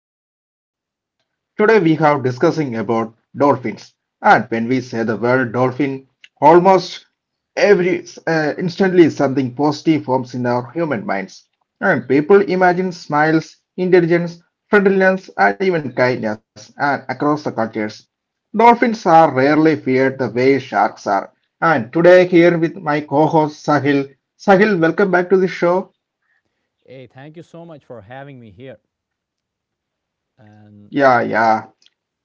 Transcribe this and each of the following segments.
back to this podcast. Today we have discussing about dolphins. And when we say the word dolphin, almost every instantly something positive forms in our human minds. And people imagine smiles, intelligence, friendliness, and even kindness and across the cultures. Dolphins are rarely feared the way sharks are. And today here with my co-host Sahil. Sahil, welcome back to the show. Hey, thank you so much for having me here. And Yeah, yeah.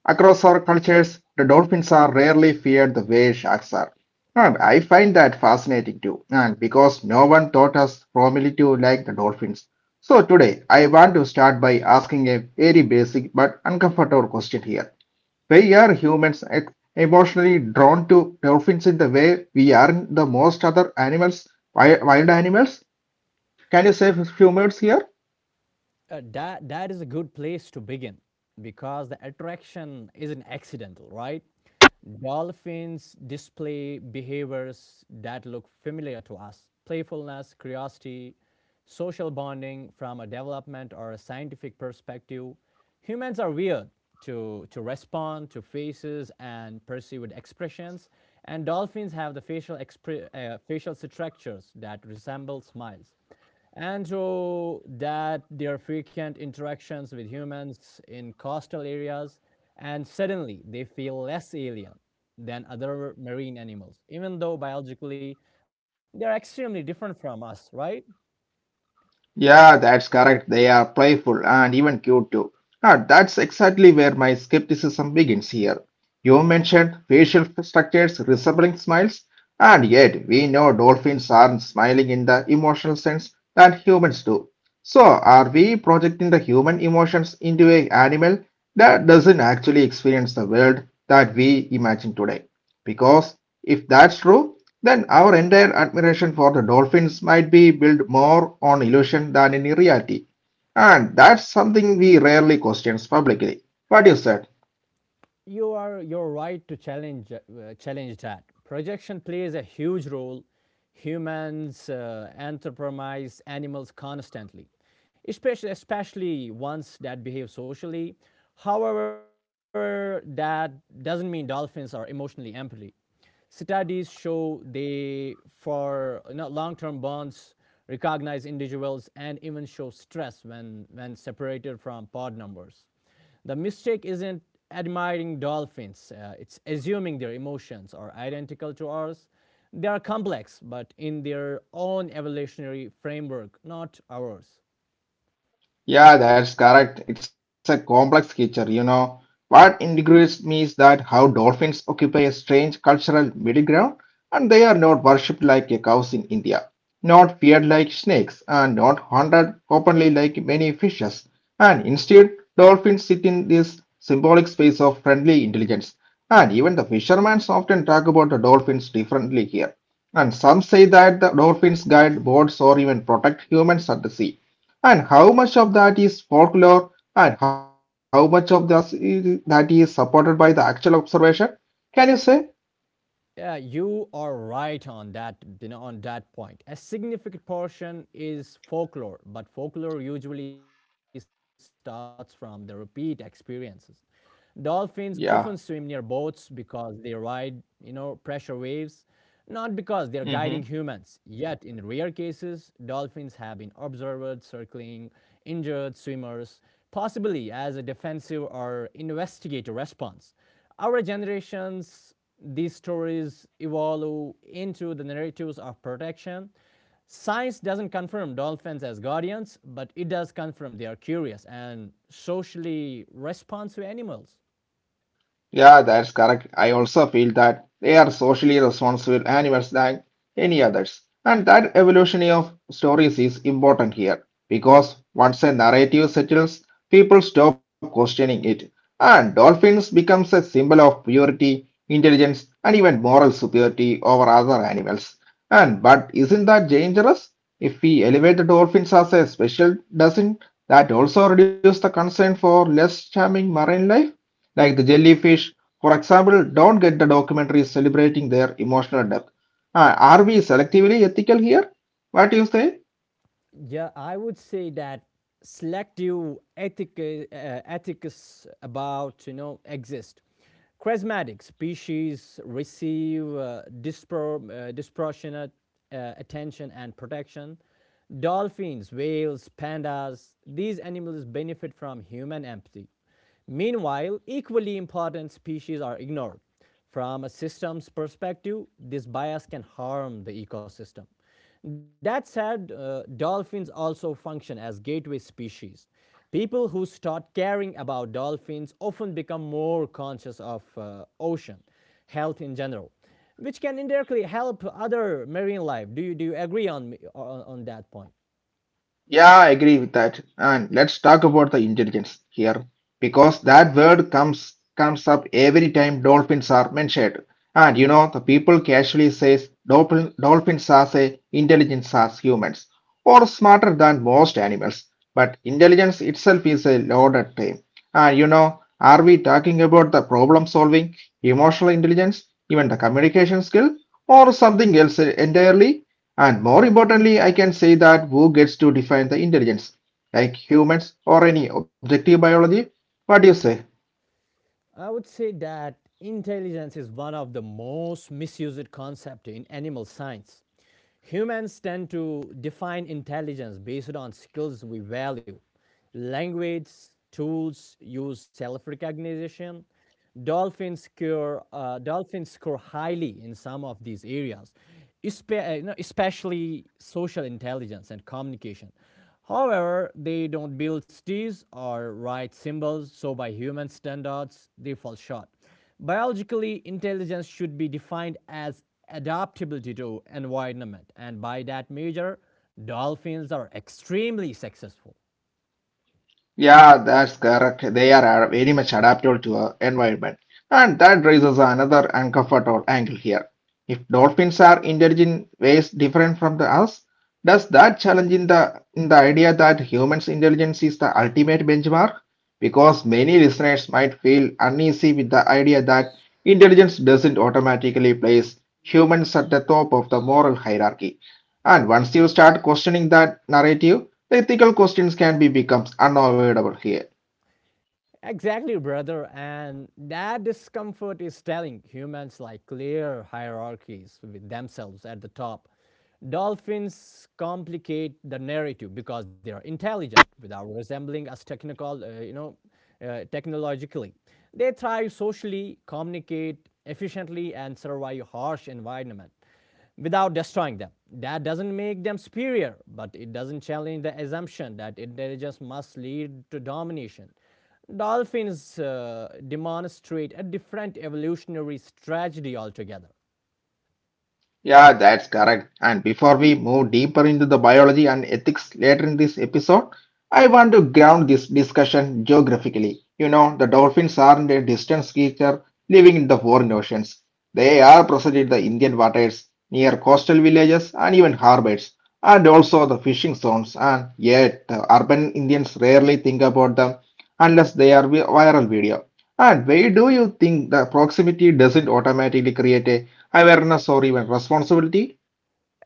Across our cultures, the dolphins are rarely feared the way sharks are. And I find that fascinating too. And because no one taught us formally to like the dolphins. So today, I want to start by asking a very basic but uncomfortable question here. Why are humans emotionally drawn to dolphins in the way we are the most other animals, wild animals? Can you say a few words here? that is a good place to begin because the attraction isn't accidental, right? Dolphins display behaviors that look familiar to us playfulness, curiosity, social bonding from a development or a scientific perspective. Humans are weird to respond to faces and perceive with expressions, and dolphins have the facial, facial structures that resemble smiles, and so that their frequent interactions with humans in coastal areas and suddenly they feel less alien than other marine animals even though biologically they're extremely different from us, right. Yeah, that's correct. They are playful and even cute too. Ah, that's exactly where my skepticism begins here. You mentioned facial structures resembling smiles, and yet we know dolphins aren't smiling in the emotional sense that humans do. So, are we projecting the human emotions into an animal that doesn't actually experience the world that we imagine today? Because if that's true, then our entire admiration for the dolphins might be built more on illusion than any reality. And that's something we rarely question publicly. What do you said? You are your right to challenge challenge that projection plays a huge role. Humans anthropomorphize animals constantly, especially ones that behave socially. However, that doesn't mean dolphins are emotionally empathy. Studies show they for long-term bonds, recognize individuals and even show stress when separated from pod numbers. The mistake isn't admiring dolphins, it's assuming their emotions are identical to ours. They are complex, but in their own evolutionary framework, not ours. Yeah, that's correct. It's a complex creature. What intrigues me is that how dolphins occupy a strange cultural middle ground and they are not worshipped like a cows in India, not feared like snakes, and not hunted openly like many fishes. And instead, dolphins sit in this symbolic space of friendly intelligence. And even the fishermen often talk about the dolphins differently here. And some say that the dolphins guide boats or even protect humans at the sea. And how much of that is folklore and how much of that is supported by the actual observation? Can you say? Yeah, you are right on that, you know, on that point. A significant portion is folklore, but folklore usually starts from the repeat experiences. Dolphins often swim near boats Yeah. because they ride, you know, pressure waves, not because they're guiding humans. Hmm. Yet, in rare cases, dolphins have been observed circling injured swimmers, possibly as a defensive or investigative response. Our generations, these stories evolve into the narratives of protection. Science doesn't confirm dolphins as guardians, but it does confirm they are curious and socially responsive animals. Yeah, that's correct. I also feel that they are socially responsible animals than any others. And that evolution of stories is important here because once a narrative settles, people stop questioning it, and dolphins becomes a symbol of purity, intelligence, and even moral superiority over other animals. And but isn't that dangerous? If we elevate the dolphins as a special, doesn't that also reduce the concern for less charming marine life, like the jellyfish, for example? Don't get the documentaries celebrating their emotional depth. Are we selectively ethical here? What do you say? Yeah, I would say that selective ethics about you know exist. Charismatic species receive disproportionate attention and protection. Dolphins, whales, pandas, these animals benefit from human empathy. Meanwhile, equally important species are ignored. From a systems perspective, this bias can harm the ecosystem. That said, dolphins also function as gateway species. People who start caring about dolphins often become more conscious of ocean health in general, which can indirectly help other marine life. Do you agree on, on that point? Yeah, I agree with that. And let's talk about the intelligence here because that word comes up every time dolphins are mentioned. And the people casually says dolphins are say intelligent as humans or smarter than most animals. But intelligence itself is a loaded term. And are we talking about the problem solving, emotional intelligence, even the communication skill, or something else entirely? And more importantly, I can say that who gets to define the intelligence? Like humans or any objective biology? What do you say? I would say that intelligence is one of the most misused concept in animal science. Humans tend to define intelligence based on skills we value, language, tools, use self recognition. Dolphins score highly in some of these areas, especially social intelligence and communication. However, they don't build cities or write symbols, so by human standards, they fall short. Biologically, intelligence should be defined as adaptability to environment, and by that measure, dolphins are extremely successful. Yeah, that's correct. They are very much adaptable to our environment. And that raises another uncomfortable angle here. If dolphins are intelligent in ways different from the us, does that challenge in the idea that humans' intelligence is the ultimate benchmark? Because many listeners might feel uneasy with the idea that intelligence doesn't automatically place humans at the top of the moral hierarchy. And once you start questioning that narrative, the ethical questions can be becomes unavoidable here. Exactly, brother. And that discomfort is telling humans like clear hierarchies with themselves at the top. Dolphins complicate the narrative because they are intelligent without resembling us technical, technologically. They thrive socially, communicate efficiently, and survive harsh environment without destroying them. That doesn't make them superior, but it doesn't challenge the assumption that intelligence must lead to domination. Dolphins demonstrate a different evolutionary strategy altogether. Yeah, that's correct. And before we move deeper into the biology and ethics later in this episode, I want to ground this discussion geographically. The dolphins aren't a distant creature living in the foreign oceans. They are present in the Indian waters, near coastal villages and even harbors, and also the fishing zones. And yet, the urban Indians rarely think about them unless they are viral video. And why do you think the proximity doesn't automatically create a awareness or even responsibility.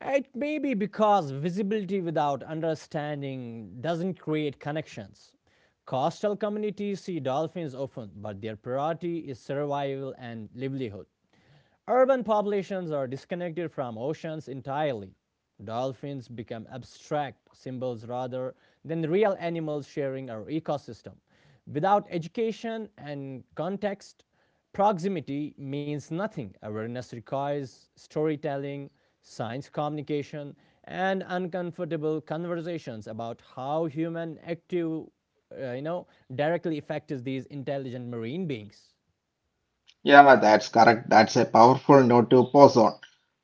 It may be because visibility without understanding doesn't create connections. Coastal communities see dolphins often, but their priority is survival and livelihood. Urban populations are disconnected from oceans entirely. Dolphins become abstract symbols rather than real animals sharing our ecosystem. Without education and context, proximity means nothing. Awareness requires storytelling, science communication, and uncomfortable conversations about how human active, uh, you know, directly affects these intelligent marine beings. Yeah, that's correct. That's a powerful note to pause on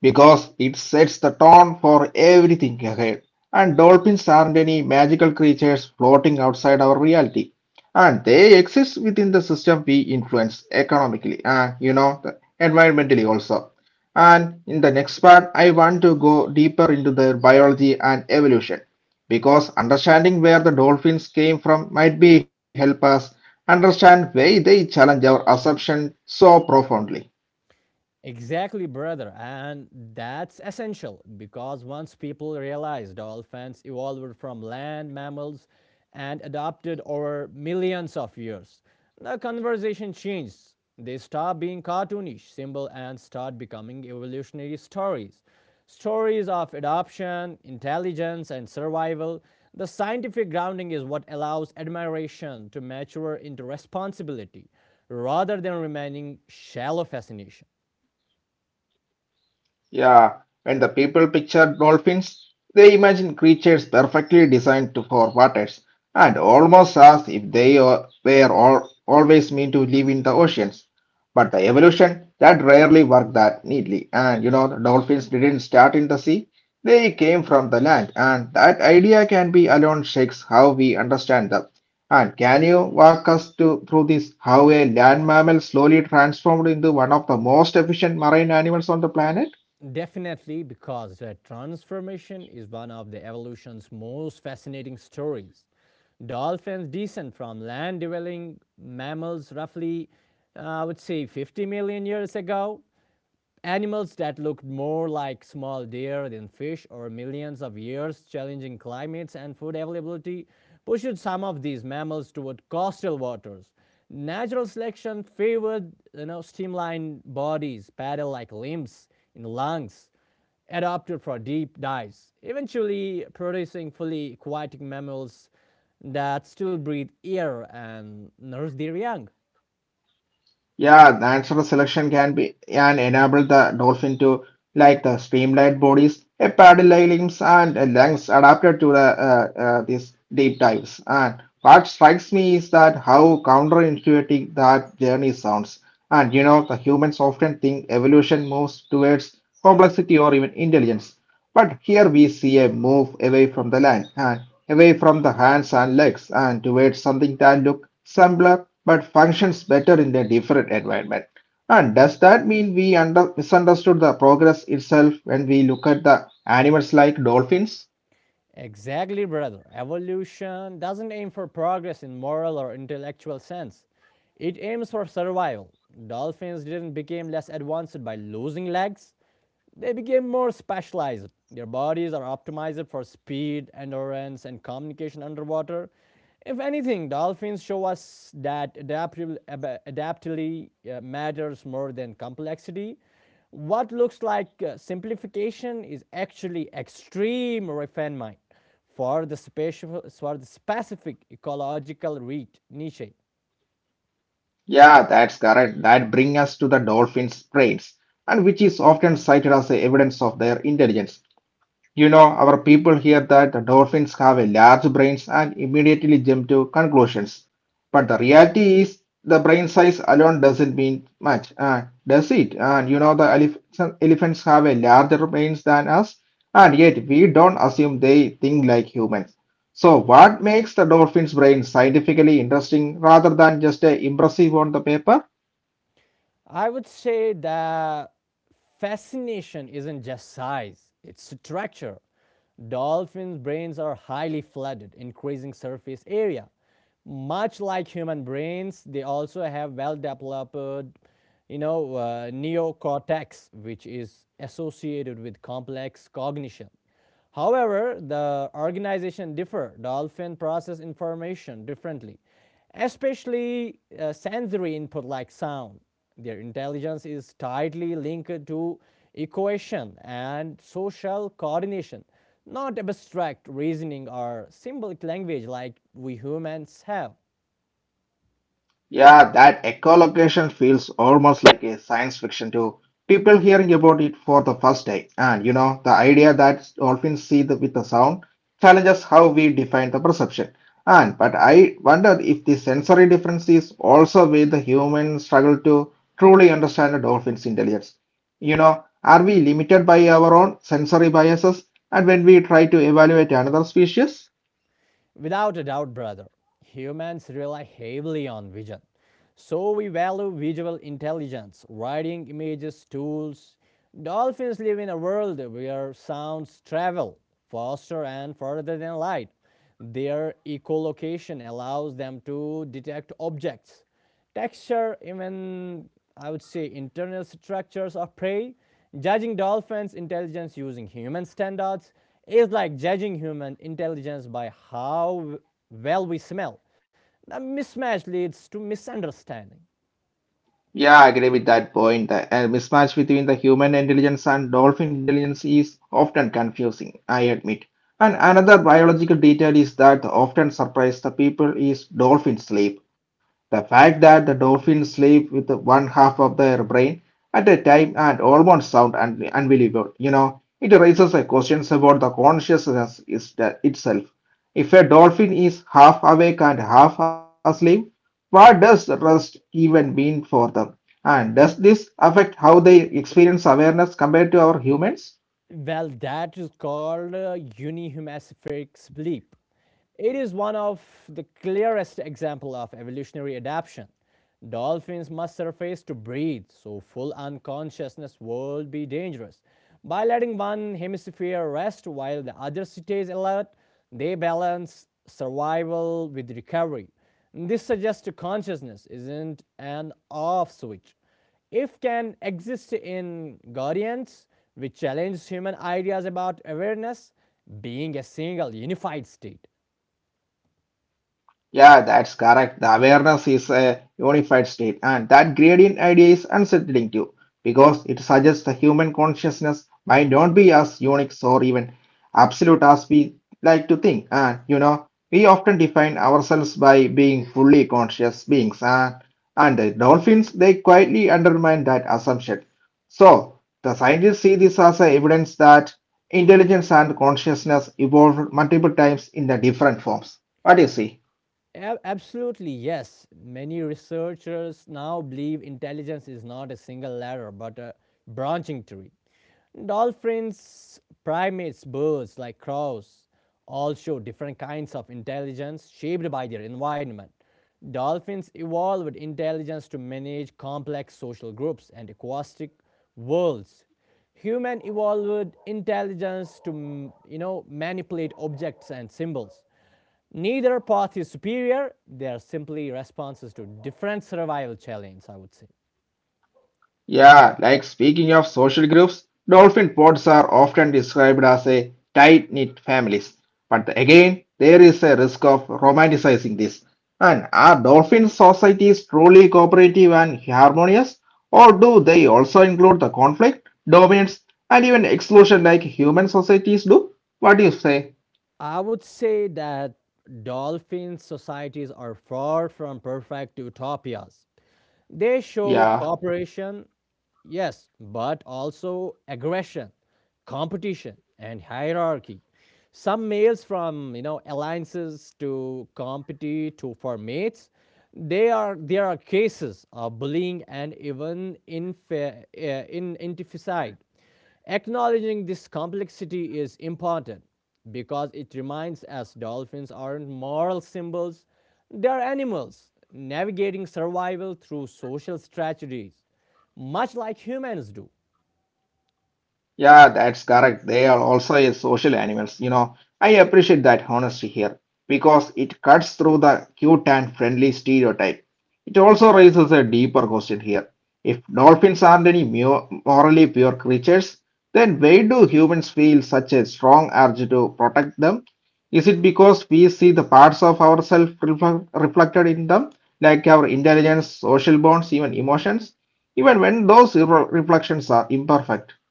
because it sets the tone for everything ahead. And dolphins aren't any magical creatures floating outside our reality. And they exist within the system we influence economically and environmentally also. And in the next part, I want to go deeper into their biology and evolution because understanding where the dolphins came from might be help us understand why they challenge our assumption so profoundly. Exactly, brother. And that's essential because once people realized dolphins evolved from land mammals and adapted over millions of years, the conversation changed. They stopped being cartoonish symbols and start becoming evolutionary stories. Stories of adoption, intelligence, and survival. The scientific grounding is what allows admiration to mature into responsibility rather than remaining shallow fascination. Yeah, when the people picture dolphins, they imagine creatures perfectly designed for waters, and almost as if they always meant to live in the oceans. But the evolution that rarely worked that neatly, and the dolphins didn't start in the sea. They came from the land, and that idea can be alone shakes how we understand them. And can you walk us through this how a land mammal slowly transformed into one of the most efficient marine animals on the planet? Definitely, because the transformation is one of the evolution's most fascinating stories. Dolphins descend from land dwelling mammals roughly, I would say, 50 million years ago. Animals that looked more like small deer than fish or millions of years, challenging climates and food availability, pushed some of these mammals toward coastal waters. Natural selection favored you know, streamlined bodies, paddle-like limbs and lungs, adapted for deep dives, eventually producing fully aquatic mammals that still breathe air and nurse their young. Yeah, the natural selection can be and enable the dolphin to like the streamlined bodies, a paddle-like limbs, and lungs adapted to these deep dives. And what strikes me is that how counterintuitive that journey sounds. And the humans often think evolution moves towards complexity or even intelligence. But here we see a move away from the land and away from the hands and legs and towards something that looks simpler but functions better in a different environment. And does that mean we misunderstood the progress itself when we look at the animals like dolphins? Exactly, brother. Evolution doesn't aim for progress in moral or intellectual sense. It aims for survival. Dolphins didn't become less advanced by losing legs. They became more specialized. Their bodies are optimized for speed, endurance, and communication underwater. If anything, dolphins show us that adaptability matters more than complexity. What looks like simplification is actually extreme refinement for the specific ecological reach, niche. Yeah, that's correct. That brings us to the dolphins' brains, and which is often cited as a evidence of their intelligence. Our people hear that the dolphins have a large brains and immediately jump to conclusions. But the reality is the brain size alone doesn't mean much, does it? And the some elephants have a larger brains than us, and yet we don't assume they think like humans. So, what makes the dolphin's brain scientifically interesting rather than just impressive on the paper? I would say that fascination isn't just size, it's structure. Dolphins' brains are highly flooded, increasing surface area. Much like human brains, they also have well developed, neocortex, which is associated with complex cognition. However, the organization differ. Dolphin process information differently, especially sensory input like sound. Their intelligence is tightly linked to equation and social coordination, not abstract reasoning or symbolic language like we humans have. Yeah, that echolocation feels almost like a science fiction to people hearing about it for the first time. And the idea that dolphins see with the sound challenges how we define the perception. And but I wonder if the sensory difference is also where the humans struggle to truly understand the dolphin's intelligence. Are we limited by our own sensory biases and when we try to evaluate another species? Without a doubt, brother, humans rely heavily on vision. So we value visual intelligence, writing images, tools. Dolphins live in a world where sounds travel faster and further than light. Their echolocation allows them to detect objects texture, even I would say internal structures of prey. Judging dolphins' intelligence using human standards is like judging human intelligence by how well we smell. The mismatch leads to misunderstanding. Yeah, I agree with that point. The mismatch between the human intelligence and dolphin intelligence is often confusing, I admit. And another biological detail is that often surprise the people is dolphin sleep. The fact that the dolphins sleep with one half of their brain at a time and almost sound unbelievable. It raises a questions about the consciousness is itself. If a dolphin is half awake and half asleep, what does rest even mean for them? And does this affect how they experience awareness compared to our humans? Well, that is called unihemispheric sleep. It is one of the clearest examples of evolutionary adaptation. Dolphins must surface to breathe, so full unconsciousness would be dangerous. By letting one hemisphere rest while the other stays alert, they balance survival with recovery. This suggests consciousness isn't an off switch. If can exist in guardians, which challenges human ideas about awareness being a single unified state. Yeah, that's correct. The awareness is a unified state, and that gradient idea is unsettling too, because it suggests the human consciousness might not be as unique or even absolute as we like to think. And we often define ourselves by being fully conscious beings, and the dolphins they quietly undermine that assumption. So, the scientists see this as a evidence that intelligence and consciousness evolved multiple times in the different forms. What do you see? Absolutely, yes. Many researchers now believe intelligence is not a single ladder but a branching tree. Dolphins, primates, birds like crows all show different kinds of intelligence shaped by their environment. Dolphins evolved intelligence to manage complex social groups and aquatic worlds. Human evolved intelligence to, manipulate objects and symbols. Neither path is superior, they are simply responses to different survival challenges, I would say. Yeah, like speaking of social groups, dolphin pods are often described as a tight-knit families. But again, there is a risk of romanticizing this. And are dolphin societies truly cooperative and harmonious? Or do they also include the conflict, dominance, and even exclusion like human societies do? What do you say? I would say that dolphin societies are far from perfect utopias. They show Yeah. cooperation, yes, but also aggression, competition, and hierarchy. Some males from you know alliances to compete to for mates. They are there are cases of bullying and even infa- in infanticide. Acknowledging this complexity is important because it reminds us dolphins aren't moral symbols, they are animals navigating survival through social strategies, much like humans do. Yeah, that's correct. They are also a social animals. I appreciate that honesty here because it cuts through the cute and friendly stereotype. It also raises a deeper question here. If dolphins aren't any morally pure creatures, then why do humans feel such a strong urge to protect them? Is it because we see the parts of ourselves reflected in them, like our intelligence, social bonds, even emotions, even when those reflections are imperfect?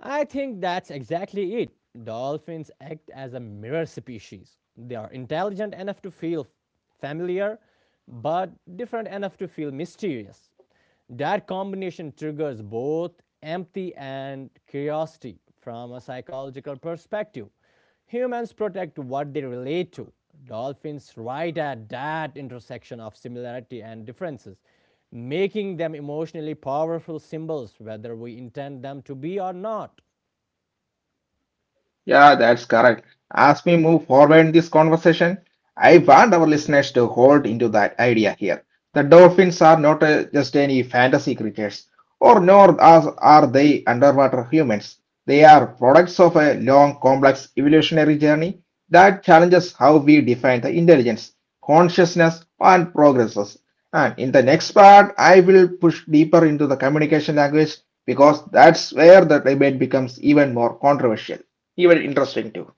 I think that's exactly it. Dolphins act as a mirror species. They are intelligent enough to feel familiar, but different enough to feel mysterious. That combination triggers both empathy and curiosity from a psychological perspective. Humans protect what they relate to. Dolphins right at that intersection of similarity and differences, making them emotionally powerful symbols whether we intend them to be or not. Yeah, that's correct. As we move forward in this conversation, I want our listeners to hold into that idea here. The dolphins are not just any fantasy creatures, or nor as are they underwater humans. They are products of a long, complex evolutionary journey that challenges how we define the intelligence, consciousness, and progresses. And in the next part, I will push deeper into the communication language because that's where the debate becomes even more controversial, even interesting too.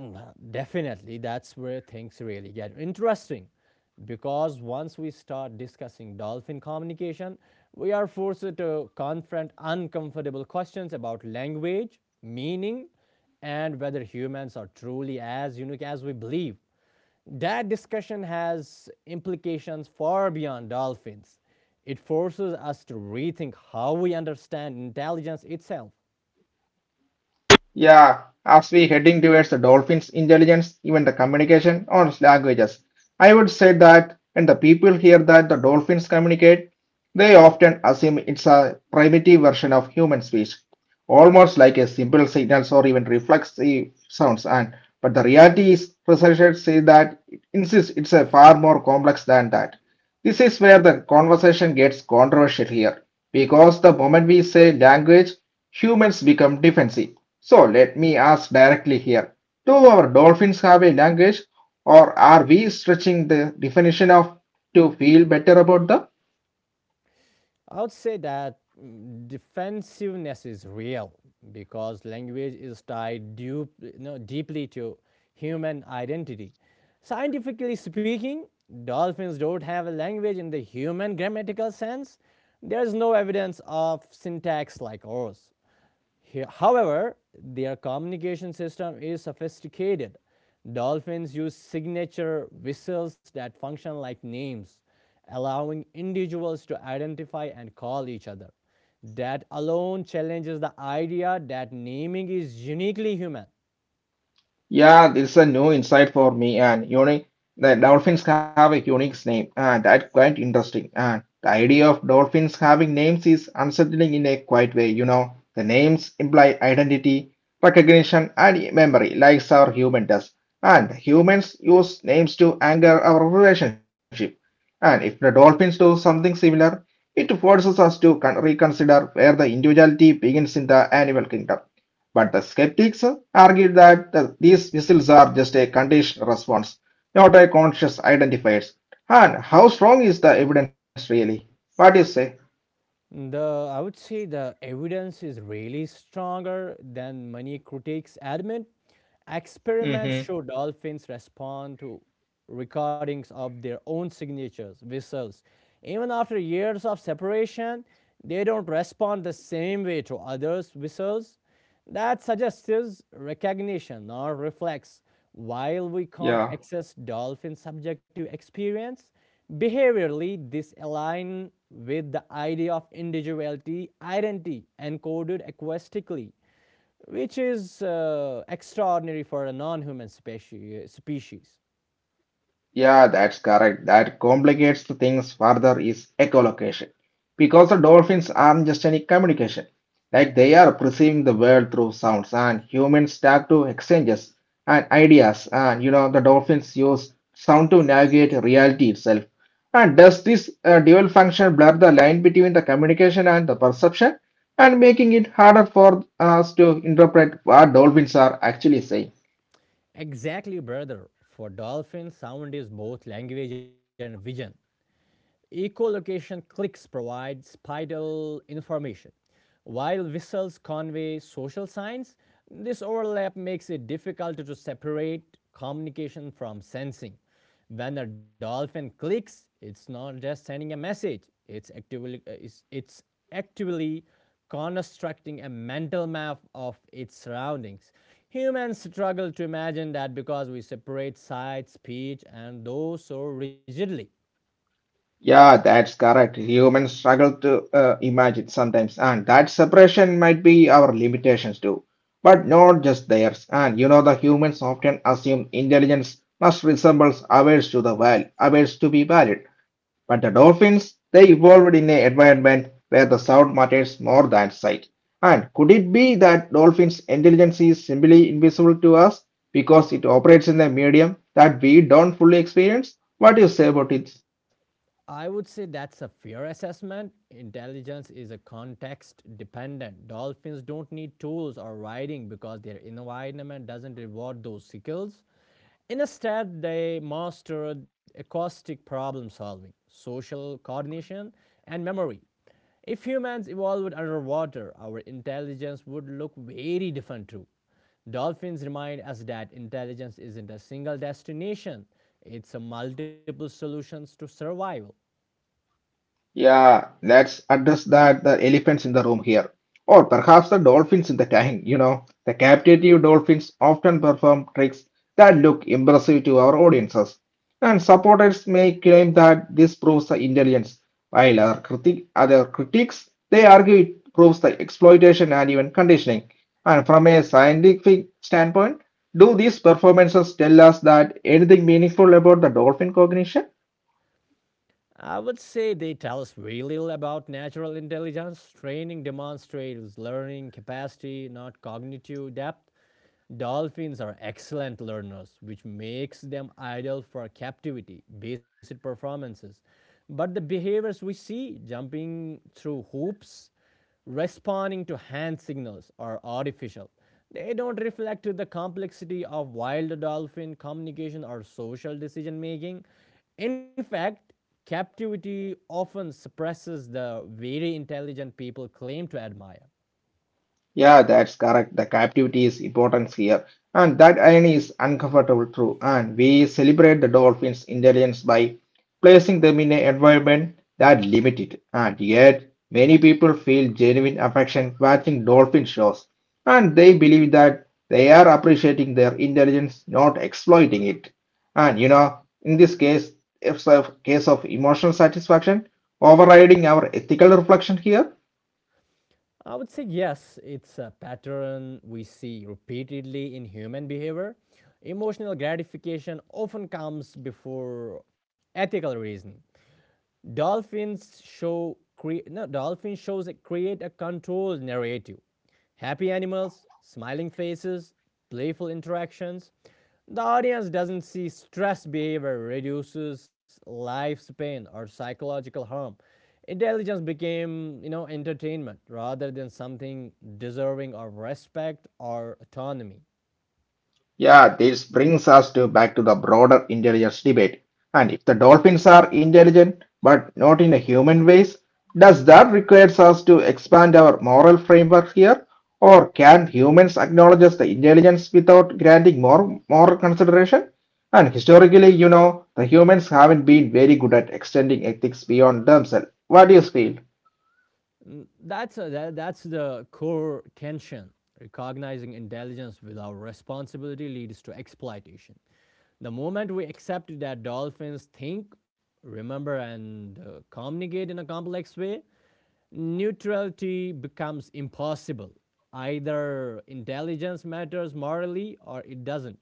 Definitely, that's where things really get interesting. Because once we start discussing dolphin communication, we are forced to confront uncomfortable questions about language, meaning, and whether humans are truly as unique as we believe. That discussion has implications far beyond dolphins. It forces us to rethink how we understand intelligence itself. Yeah, as we heading towards the dolphins' intelligence, even the communication or languages, I would say that when the people hear that the dolphins communicate, they often assume it's a primitive version of human speech, almost like a simple signals or even reflexive sounds. And but the reality is, researchers say that it insists it's a far more complex than that. This is where the conversation gets controversial here, because the moment we say language, humans become defensive. So let me ask directly here. Do our dolphins have a language, or are we stretching the definition of to feel better about the. I would say that defensiveness is real because language is tied deep, you know, deeply to human identity. Scientifically speaking, dolphins don't have a language in the human grammatical sense. There is no evidence of syntax like ours. However, their communication system is sophisticated. Dolphins use signature whistles that function like names, allowing individuals to identify and call each other. That alone challenges the idea that naming is uniquely human. Yeah, this is a new insight for me and unique. The dolphins have a unique name and that's quite interesting. And the idea of dolphins having names is unsettling in a quiet way. The names imply identity, recognition, and memory, like our human does. And humans use names to anchor our relationship. And if the dolphins do something similar, it forces us to reconsider where the individuality begins in the animal kingdom. But the skeptics argued that these whistles are just a conditioned response, not a conscious identifiers. And how strong is the evidence really? What do you say? The I would say the evidence is really stronger than many critics admit. Experiments Hmm. show dolphins respond to recordings of their own signatures, whistles. Even after years of separation, they don't respond the same way to others' whistles. That suggests is recognition or reflex. While we can't Yeah. access dolphin subjective experience, behaviorally this aligns with the idea of individuality, identity encoded acoustically, which is extraordinary for a non-human species. Yeah, that's correct. That complicates the things further is echolocation. Because the dolphins aren't just any communication. Like they are perceiving the world through sounds and humans start to exchanges and ideas, and you know the dolphins use sound to navigate reality itself. And does this dual function blur the line between the communication and the perception, and making it harder for us to interpret what dolphins are actually saying? Exactly, brother. For dolphins, sound is both language and vision. Echolocation clicks provide spatial information. While whistles convey social signs, this overlap makes it difficult to separate communication from sensing. When a dolphin clicks, it's not just sending a message, it's actively constructing a mental map of its surroundings. Humans struggle to imagine that because we separate sight, speech, and those so rigidly. Yeah, that's correct. Humans struggle to imagine sometimes, and that separation might be our limitations too, but not just theirs. And you know, the humans often assume intelligence must resemble ours to the val ours to be valid. But the dolphins, they evolved in an environment where the sound matters more than sight. And could it be that dolphins' intelligence is simply invisible to us because it operates in a medium that we don't fully experience? What do you say about it? I would say that's a fair assessment. Intelligence is a context dependent. Dolphins don't need tools or riding because their environment doesn't reward those skills. Instead, they mastered acoustic problem solving, social coordination, and memory. If humans evolved underwater, our intelligence would look very different too. Dolphins remind us that intelligence isn't a single destination, it's a multiple solutions to survival. Yeah, let's address that the elephants in the room here. Or perhaps the dolphins in the tank, you know. The captive dolphins often perform tricks that look impressive to our audiences. And supporters may claim that this proves the intelligence, while our other critics they argue it proves the exploitation and even conditioning. And from a scientific standpoint, do these performances tell us that anything meaningful about the dolphin cognition? I would say they tell us very little about natural intelligence. Training demonstrates learning capacity, not cognitive depth. Dolphins are excellent learners, which makes them ideal for captivity, basic performances. But the behaviors we see, jumping through hoops, responding to hand signals are artificial. They don't reflect the complexity of wild dolphin communication or social decision making. In fact, captivity often suppresses the very intelligent people claim to admire. Yeah, that's correct. The captivity is important here. And that irony is uncomfortable true. And we celebrate the dolphins' intelligence by placing them in an environment that limit it. And yet, many people feel genuine affection watching dolphin shows. And they believe that they are appreciating their intelligence, not exploiting it. And you know, in this case, it's a case of emotional satisfaction overriding our ethical reflection here. I would say yes, it's a pattern we see repeatedly in human behavior. Emotional gratification often comes before ethical reasoning. Dolphins show cre- no, Dolphin shows that create a controlled narrative. Happy animals, smiling faces, playful interactions. The audience doesn't see stress behavior reduces lifespan or psychological harm. Intelligence became, entertainment rather than something deserving of respect or autonomy. Yeah, this brings us to back to the broader intelligence debate. And if the dolphins are intelligent but not in a human ways, does that requires us to expand our moral framework here? Or can humans acknowledge the intelligence without granting more moral consideration? And historically, you know, the humans haven't been very good at extending ethics beyond themselves. What do you feel? That's the core tension. Recognizing intelligence without responsibility leads to exploitation. The moment we accept that dolphins think, remember, and communicate in a complex way, neutrality becomes impossible. Either intelligence matters morally or it doesn't.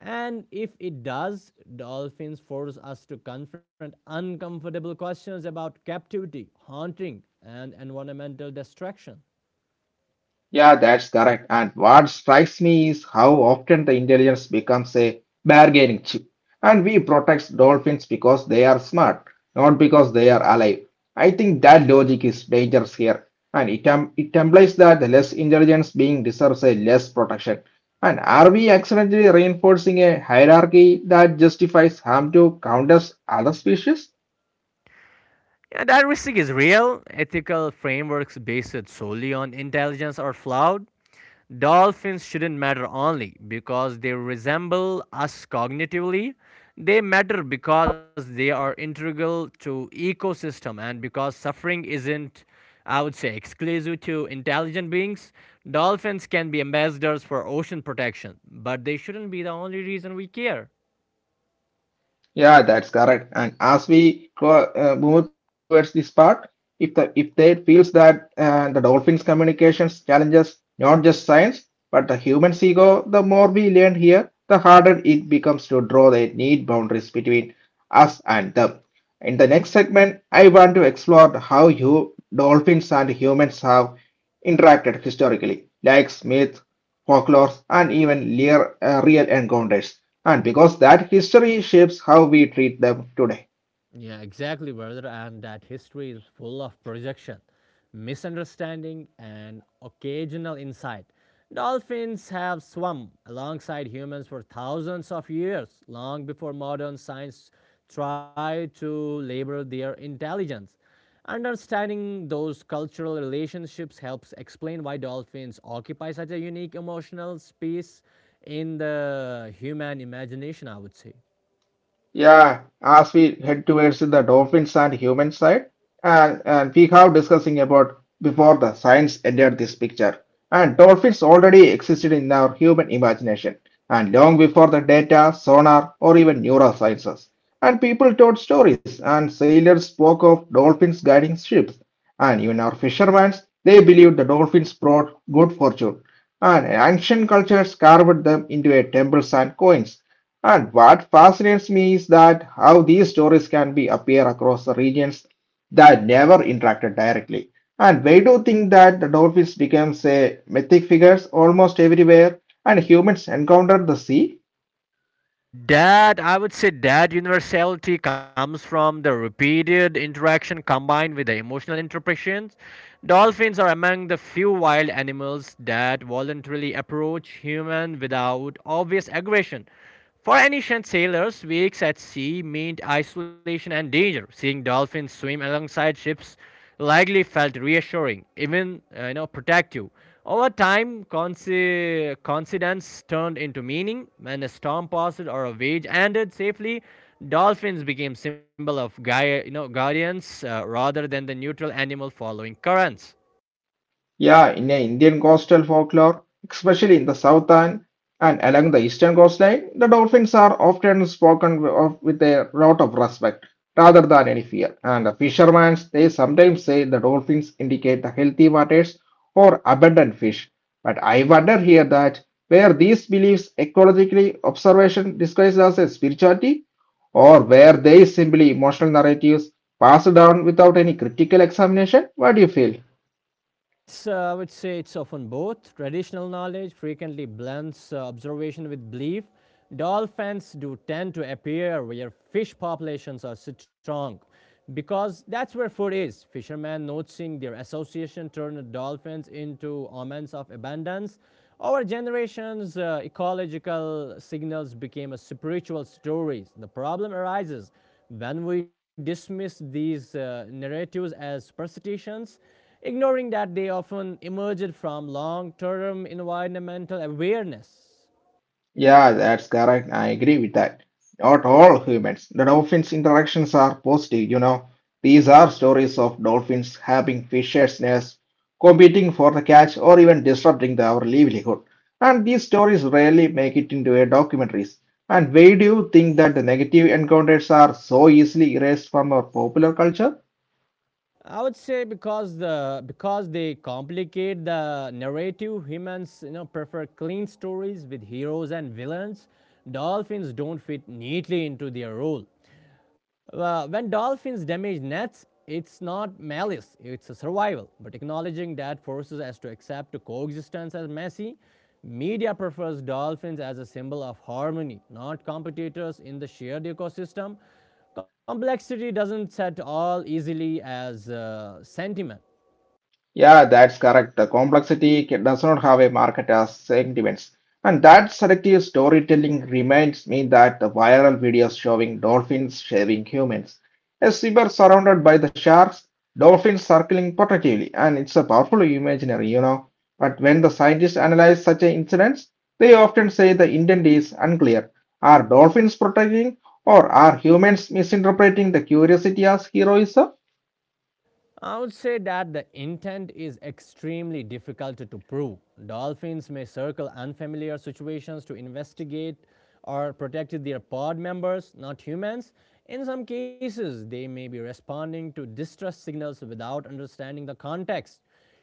And if it does, dolphins force us to confront uncomfortable questions about captivity, haunting, and environmental destruction. Yeah, that's correct. And what strikes me is how often the intelligence becomes a bargaining chip. And we protect dolphins because they are smart, not because they are alive. I think that logic is dangerous here. And it, it implies that the less intelligence being deserves a less protection. And are we accidentally reinforcing a hierarchy that justifies harm to countless other species? Yeah, that risk is real. Ethical frameworks based solely on intelligence are flawed. Dolphins shouldn't matter only because they resemble us cognitively. They matter because they are integral to ecosystem and because suffering isn't, I would say, exclusive to intelligent beings. Dolphins can be ambassadors for ocean protection, but they shouldn't be the only reason we care. Yeah, that's correct. And as we move towards this part, if the if they feels that the dolphins' communications challenges not just science but the human's ego, the more we learn here, the harder it becomes to draw the neat boundaries between us and them. In the next segment, I want to explore how you dolphins and humans have interacted historically, like myths, folklore, and even real encounters, and because that history shapes how we treat them today. Yeah, exactly, brother. And that history is full of projection, misunderstanding, and occasional insight. Dolphins have swum alongside humans for thousands of years, long before modern science tried to label their intelligence. Understanding those cultural relationships helps explain why dolphins occupy such a unique emotional space in the human imagination, I would say. Yeah, as we head towards the dolphins and human side, and we have discussing about before the science entered this picture. And dolphins already existed in our human imagination, and long before the data, sonar, or even neurosciences. And people told stories, and sailors spoke of dolphins guiding ships. And even our fishermen, they believed the dolphins brought good fortune. And ancient cultures carved them into a temples and coins. And what fascinates me is that how these stories can be appear across the regions that never interacted directly. And we do think that the dolphins becomes a mythic figures almost everywhere, and humans encountered the sea. That I would say that universality comes from the repeated interaction combined with the emotional interpretations. Dolphins are among the few wild animals that voluntarily approach human without obvious aggression. For ancient sailors, weeks at sea meant isolation and danger. Seeing dolphins swim alongside ships likely felt reassuring, even protective. Over time, coincidence turned into meaning. When a storm passed or a wage ended safely, dolphins became symbol of guardians, rather than the neutral animal following currents. Yeah, in the Indian coastal folklore, especially in the southern and along the eastern coastline, the dolphins are often spoken of with a lot of respect rather than any fear. And the fishermen, they sometimes say the dolphins indicate the healthy waters or abundant fish. But I wonder here that where these beliefs ecologically observation disguised as a spirituality, or where they simply emotional narratives passed down without any critical examination? What do you feel? I would say it's often both. Traditional knowledge frequently blends observation with belief. Dolphins do tend to appear where fish populations are so strong because that's where food is. Fishermen, noticing their association, turned dolphins into omens of abundance. Over generations, ecological signals became a spiritual stories. The problem arises when we dismiss these narratives as superstitions ignoring that they often emerged from long term environmental awareness. Yeah, that's correct. I agree with that. Not all humans. The dolphins' interactions are positive, you know. These are stories of dolphins having fishers' nests, competing for the catch, or even disrupting our livelihood. And these stories rarely make it into a documentaries. And why do you think that the negative encounters are so easily erased from our popular culture? I would say because they complicate the narrative. Humans prefer clean stories with heroes and villains. Dolphins don't fit neatly into their role. When dolphins damage nets, it's not malice, it's a survival. But acknowledging that forces us to accept coexistence as messy. Media prefers dolphins as a symbol of harmony, not competitors in the shared ecosystem. Complexity doesn't set all easily as sentiment. Yeah, that's correct. The complexity ca- does not have a market as segments. And that selective storytelling reminds me that the viral videos showing dolphins shaving humans. A zebra surrounded by the sharks, dolphins circling protectively, and it's a powerful imaginary, you know. But when the scientists analyze such an incident, they often say the intent is unclear. Are dolphins protecting, or are humans misinterpreting the curiosity as heroism? I would say that the intent is extremely difficult to prove. Dolphins may circle unfamiliar situations to investigate or protect their pod members, not humans. In some cases, they may be responding to distress signals without understanding the context.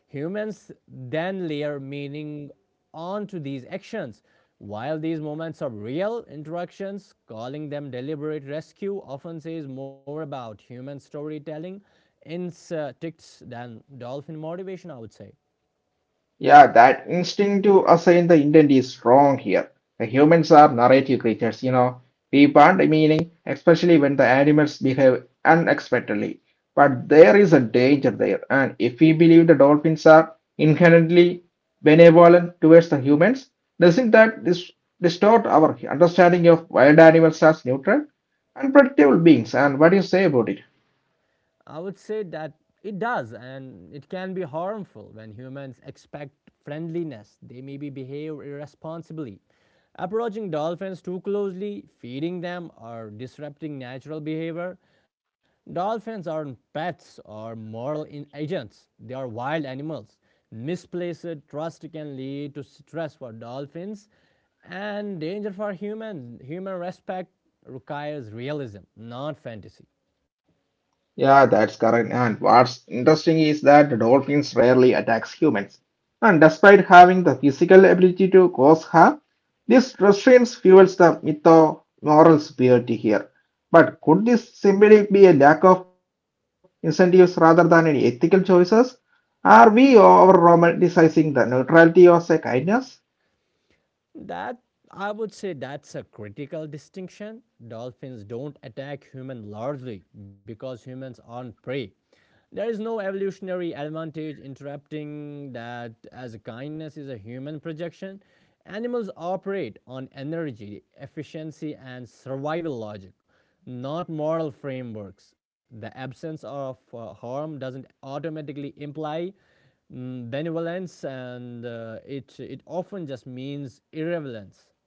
Humans then layer meaning onto these actions. While these moments are real interactions, calling them deliberate rescue often says more about human storytelling instincts than dolphin motivation, I would say. Yeah, that instinct to assign the intent is strong here. The humans are narrative creatures, you know. We want meaning, especially when the animals behave unexpectedly. But there is a danger there, and if we believe the dolphins are inherently benevolent towards the humans, doesn't that distort our understanding of wild animals as neutral, unpredictable beings? And what do you say about it? I would say that it does, and it can be harmful when humans expect friendliness. They maybe behave irresponsibly. Approaching dolphins too closely, feeding them, or disrupting natural behavior. Dolphins aren't pets or moral agents, they are wild animals. Misplaced trust can lead to stress for dolphins and danger for humans. Human respect requires realism, not fantasy. Yeah, that's correct. And what's interesting is that dolphins rarely attacks humans. And despite having the physical ability to cause harm, this restraint fuels the myth of moral superiority here. But could this simply be a lack of incentives rather than any ethical choices? Are we over romanticizing the neutrality as a kindness? That I would say that's a critical distinction. Dolphins don't attack humans largely because humans aren't prey. There is no evolutionary advantage interrupting that as kindness is a human projection. Animals operate on energy, efficiency, and survival logic, not moral frameworks. The absence of harm doesn't automatically imply benevolence, and it it often just means irrelevance.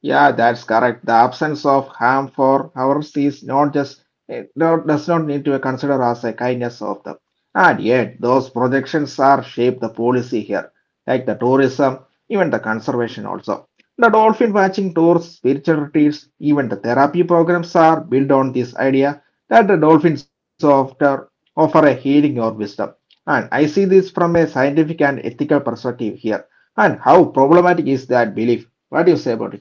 Yeah, that's correct. The absence of harm for ours is not just eh, not, does not need to be considered as a kindness of them. And yet, those projections are shape the policy here, like the tourism, even the conservation also. The dolphin watching tours, spiritual retreats, even the therapy programs are built on this idea that the dolphins offer a healing or wisdom. And I see this from a scientific and ethical perspective here. And how problematic is that belief? What do you say about it?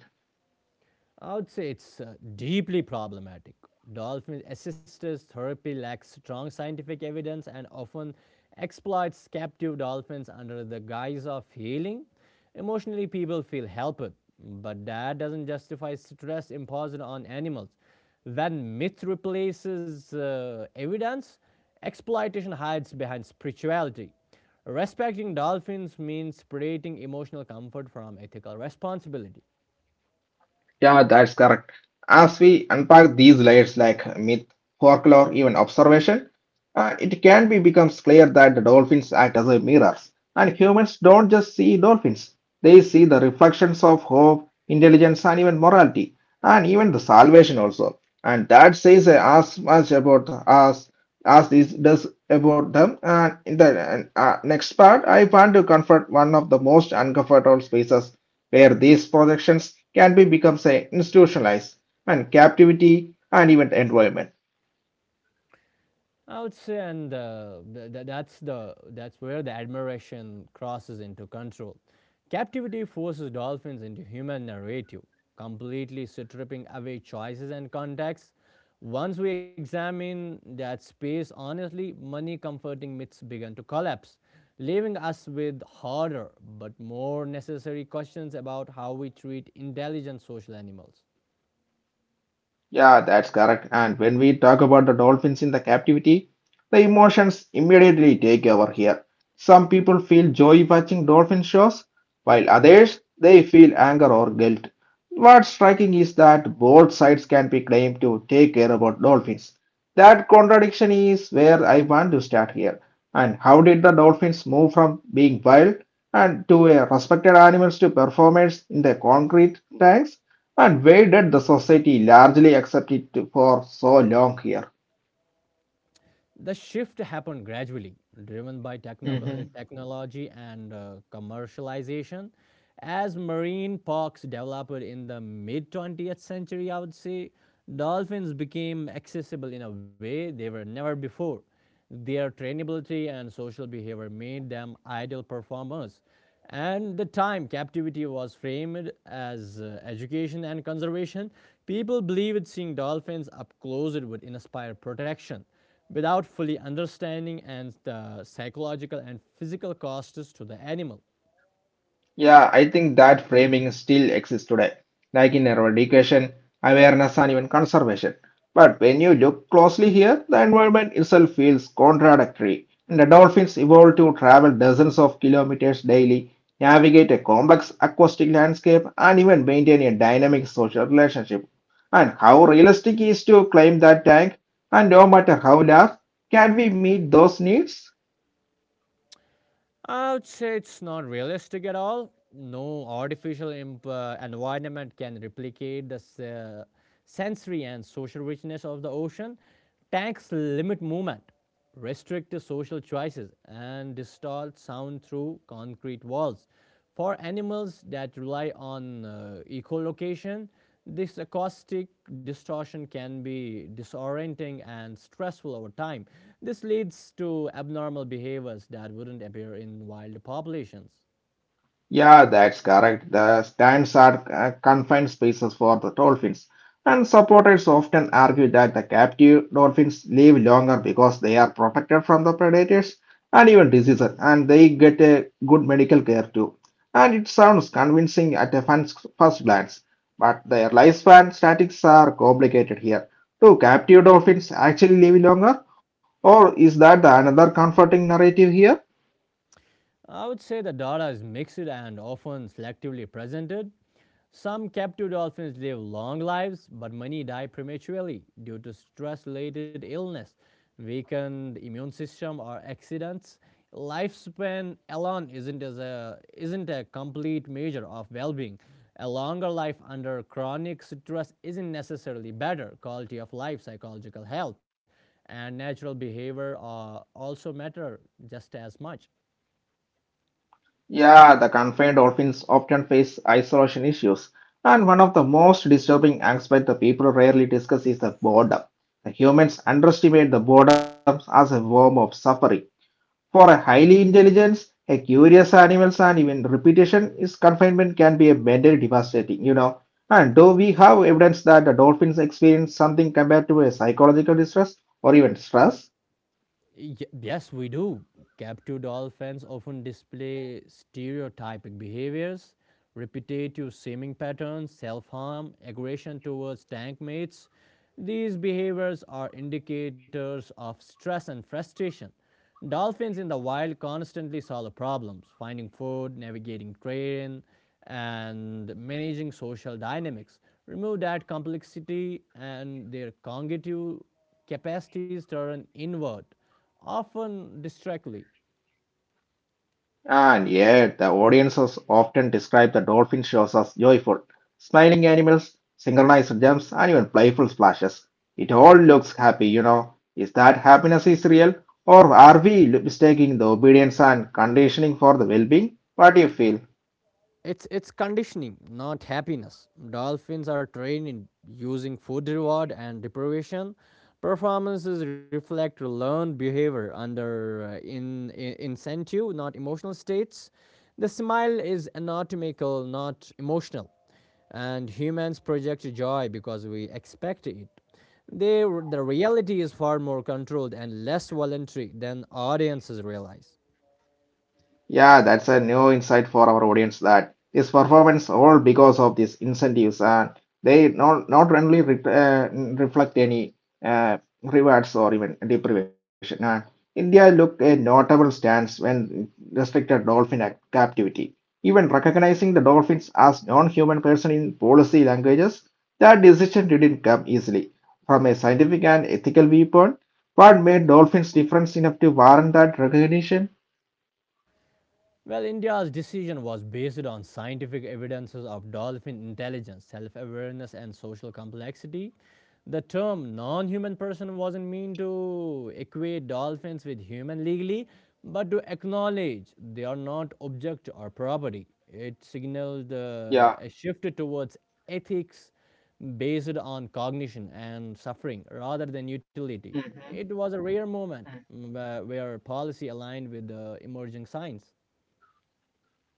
I would say it's deeply problematic. Dolphin assisters therapy lacks strong scientific evidence and often exploits captive dolphins under the guise of healing. Emotionally, people feel helped, but that doesn't justify stress imposed on animals. When myth replaces evidence, exploitation hides behind spirituality. Respecting dolphins means separating emotional comfort from ethical responsibility. Yeah, that's correct. As we unpack these layers like myth, folklore, even observation, it can be becomes clear that the dolphins act as a mirrors, and humans don't just see dolphins; they see the reflections of hope, intelligence, and even morality, and even the salvation also. And that says as much about us as this does about them. And in the next part, I want to confront one of the most uncomfortable spaces where these protections can be becomes a institutionalized and captivity and even environment. I would say, and th- th- that's the that's where the admiration crosses into control. Captivity forces dolphins into human narrative, completely stripping away choices and context. Once we examine that space honestly, many comforting myths begin to collapse, leaving us with harder but more necessary questions about how we treat intelligent social animals. Yeah, that's correct. And when we talk about the dolphins in the captivity, the emotions immediately take over here. Some people feel joy watching dolphin shows, while others they feel anger or guilt. What's striking is that both sides can be claimed to take care about dolphins. That contradiction is where I want to start here. And how did the dolphins move from being wild and to a respected animals to performers in the concrete tanks? And why did the society largely accept it for so long here? The shift happened gradually, driven by Hmm. Technology and commercialization. As marine parks developed in the mid 20th century, I would say, dolphins became accessible in a way they were never before. Their trainability and social behavior made them ideal performers. And the time captivity was framed as education and conservation, people believed seeing dolphins up close it would inspire protection without fully understanding and the psychological and physical costs to the animal. Yeah, I think that framing still exists today, like in our education, awareness, and even conservation. But when you look closely here, the environment itself feels contradictory. And the dolphins evolved to travel dozens of kilometers daily, navigate a complex acoustic landscape, and even maintain a dynamic social relationship. And how realistic is to claim that tank, and no matter how large, can we meet those needs? I would say it's not realistic at all. No artificial environment can replicate the sensory and social richness of the ocean. Tanks limit movement, restrict the social choices, and distort sound through concrete walls. For animals that rely on echolocation, this acoustic distortion can be disorienting and stressful over time. This leads to abnormal behaviors that wouldn't appear in wild populations. Yeah, that's correct. The stands are confined spaces for the dolphins, and supporters often argue that the captive dolphins live longer because they are protected from the predators and even diseases, and they get a good medical care too. And it sounds convincing at a fan's first glance, but their lifespan statistics are complicated here. Do captive dolphins actually live longer, or is that the another comforting narrative here? I would say the data is mixed and often selectively presented. Some captive dolphins live long lives, but many die prematurely due to stress related illness, weakened immune system, or accidents. Lifespan alone isn't a complete measure of well being. A longer life under chronic stress isn't necessarily better. Quality of life, psychological health, and natural behavior also matter just as much. Yeah, the confined dolphins often face isolation issues, and one of the most disturbing aspects the people rarely discuss is the boredom. The humans underestimate the boredom as a form of suffering. For a highly intelligent, a curious animals, and even repetition is confinement can be a mentally devastating. And though we have evidence that the dolphins experience something compared to a psychological distress or even stress, Yes, we do. Captive dolphins often display stereotypic behaviors, repetitive swimming patterns, self harm, aggression towards tank mates. These behaviors are indicators of stress and frustration. Dolphins in the wild constantly solve problems, finding food, navigating terrain, and managing social dynamics. Remove that complexity, and their cognitive capacities turn inward often distractly. And yet, the audiences often describe the dolphin shows as joyful, smiling animals, synchronized jumps, and even playful splashes. It all looks happy. Is that happiness is real, or are we mistaking the obedience and conditioning for the well-being? What do you feel? It's conditioning, not happiness. Dolphins are trained in using food reward and deprivation. Performances reflect learned behavior under in incentive, not emotional states. The smile is anatomical, not emotional, and humans project joy because we expect it. They, the reality is far more controlled and less voluntary than audiences realize. Yeah, that's a new insight for our audience that this performance all because of these incentives and they not only reflect any rewards or even deprivation. And India looked a notable stance when restricted dolphin captivity, even recognizing the dolphins as non-human person in policy languages. That decision didn't come easily from a scientific and ethical viewpoint. What made dolphins different enough to warrant that recognition? Well, India's decision was based on scientific evidences of dolphin intelligence, self awareness, and social complexity. The term non human person wasn't meant to equate dolphins with human legally, but to acknowledge they are not object or property. It signaled Yeah. A shift towards ethics based on cognition and suffering rather than utility. It Mhm. was a rare moment where policy aligned with the emerging science.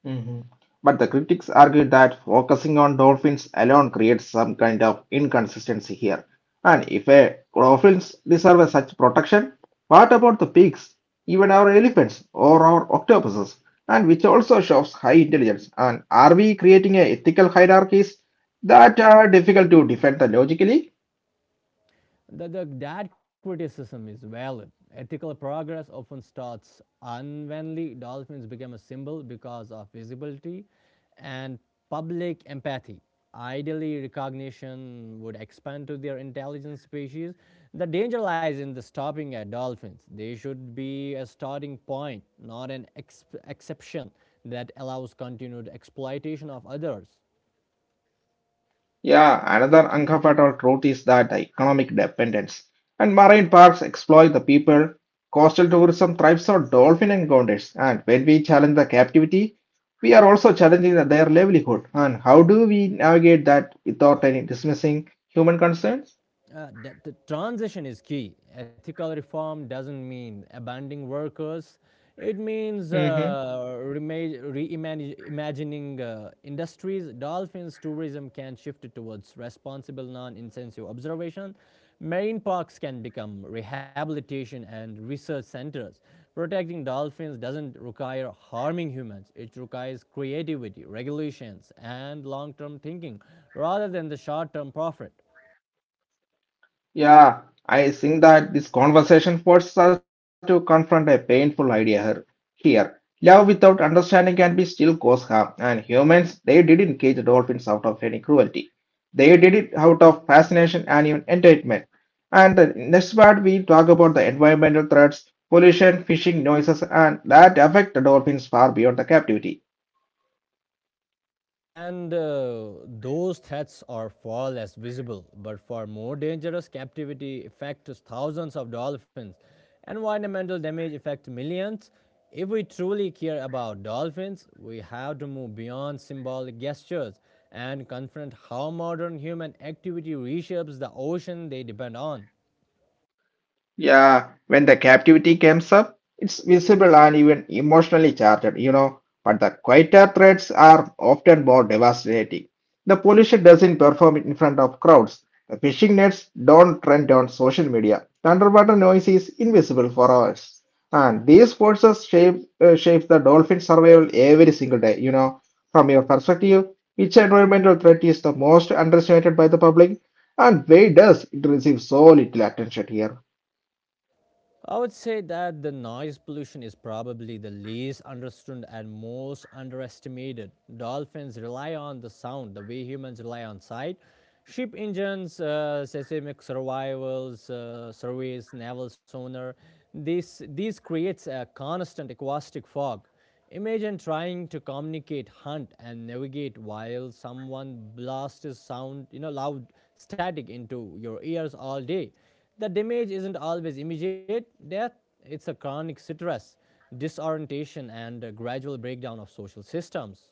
Mhm. But the critics argue that focusing on dolphins alone creates some kind of inconsistency here. And if a dolphins deserve a such protection, what about the pigs, even our elephants or our octopuses, and which also shows high intelligence? And are we creating a ethical hierarchies that are difficult to defend the logically? That that criticism is valid. Ethical progress often starts unwhenly dolphins became a symbol because of visibility and public empathy. Ideally, recognition would expand to their intelligent species. The danger lies in the stopping at dolphins. They should be a starting point, not an exception that allows continued exploitation of others. Yeah, another uncovered truth is that the economic dependence. And marine parks exploit the people. Coastal tourism thrives on dolphin encounters. And when we challenge the captivity, we are also challenging their livelihood. And how do we navigate that without any dismissing human concerns? The transition is key. Ethical reform doesn't mean abandoning workers. It means Mm-hmm. Reimagining industries. Dolphins tourism can shift towards responsible, non-intensive observation. Marine parks can become rehabilitation and research centers. Protecting dolphins doesn't require harming humans. It requires creativity, regulations, and long-term thinking rather than the short-term profit. Yeah, I think that this conversation forces us to confront a painful idea here. Here, love without understanding can be still cause harm, and humans, they didn't cage dolphins out of any cruelty. They did it out of fascination and even entertainment. And the next part, we talk about the environmental threats, pollution, fishing noises, and that affect the dolphins far beyond the captivity. And Those threats are far less visible, but far more dangerous. Captivity affects thousands of dolphins. Environmental damage affects millions. If we truly care about dolphins, we have to move beyond symbolic gestures and confront how modern human activity reshapes the ocean they depend on. Yeah, when the captivity comes up, it's visible and even emotionally charged. But the quieter threats are often more devastating. The pollution doesn't perform in front of crowds. The fishing nets don't trend on social media. The underwater noise is invisible for hours. And these forces shape the dolphin survival every single day. From your perspective, which environmental threat is the most underestimated by the public? And why does it receive so little attention here? I would say that the noise pollution is probably the least understood and most underestimated. Dolphins rely on the sound the way humans rely on sight. Ship engines, seismic survivals, surveys, naval sonar. This these creates a constant acoustic fog. Imagine trying to communicate, hunt, and navigate while someone blasts sound, you know, loud static into your ears all day. The damage isn't always immediate death, it's a chronic stress, disorientation, and a gradual breakdown of social systems.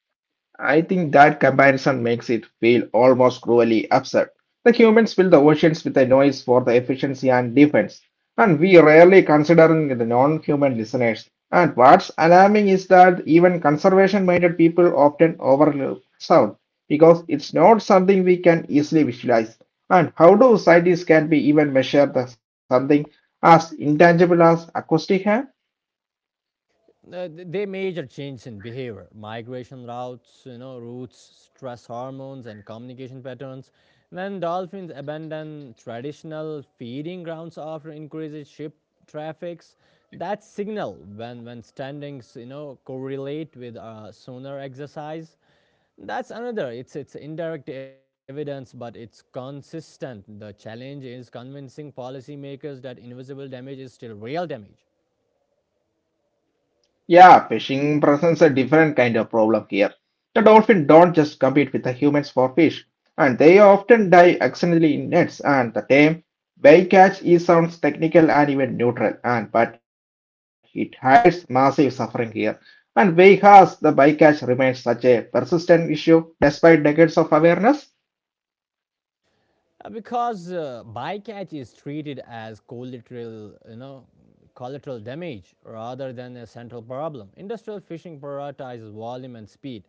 I think that comparison makes it feel almost cruelly absurd. The humans fill the oceans with a noise for the efficiency and defense, and we rarely considering the non-human listeners. And what's alarming is that even conservation-minded people often overlook sound because it's not something we can easily visualize. And how do scientists can be even measure the something as intangible as acoustic. They major change in behavior, migration routes, stress hormones, and communication patterns. When dolphins abandon traditional feeding grounds after increases ship traffics, that signal when standings you know correlate with sonar exercise. That's another. It's indirect evidence, but it's consistent. The challenge is convincing policymakers that invisible damage is still real damage. Yeah, fishing presents a different kind of problem here. The dolphins don't just compete with the humans for fish, and they often die accidentally in nets. And the term bycatch is sounds technical and even neutral, and but it hides massive suffering here. And why has the bycatch remains such a persistent issue despite decades of awareness? Because bycatch is treated as collateral, you know, collateral damage rather than a central problem. Industrial fishing prioritizes volume and speed.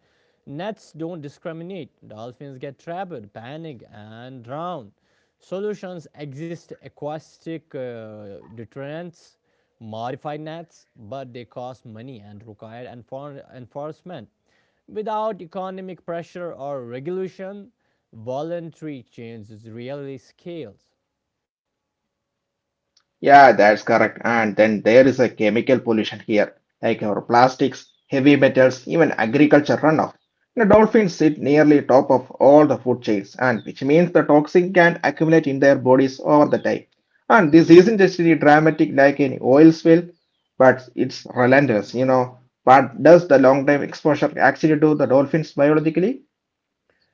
Nets don't discriminate. Dolphins get trapped, panic, and drown. Solutions exist: aquatic deterrents, modified nets, but they cost money and require enforcement. Without economic pressure or regulation, voluntary change is really scales. Yeah, that's correct. And then there is a chemical pollution here, like our plastics, heavy metals, even agriculture runoff. The dolphins sit nearly top of all the food chains, and which means the toxin can accumulate in their bodies over the time. And this isn't just really dramatic like any oil spill, but it's relentless. What does the long time exposure actually do the dolphins biologically?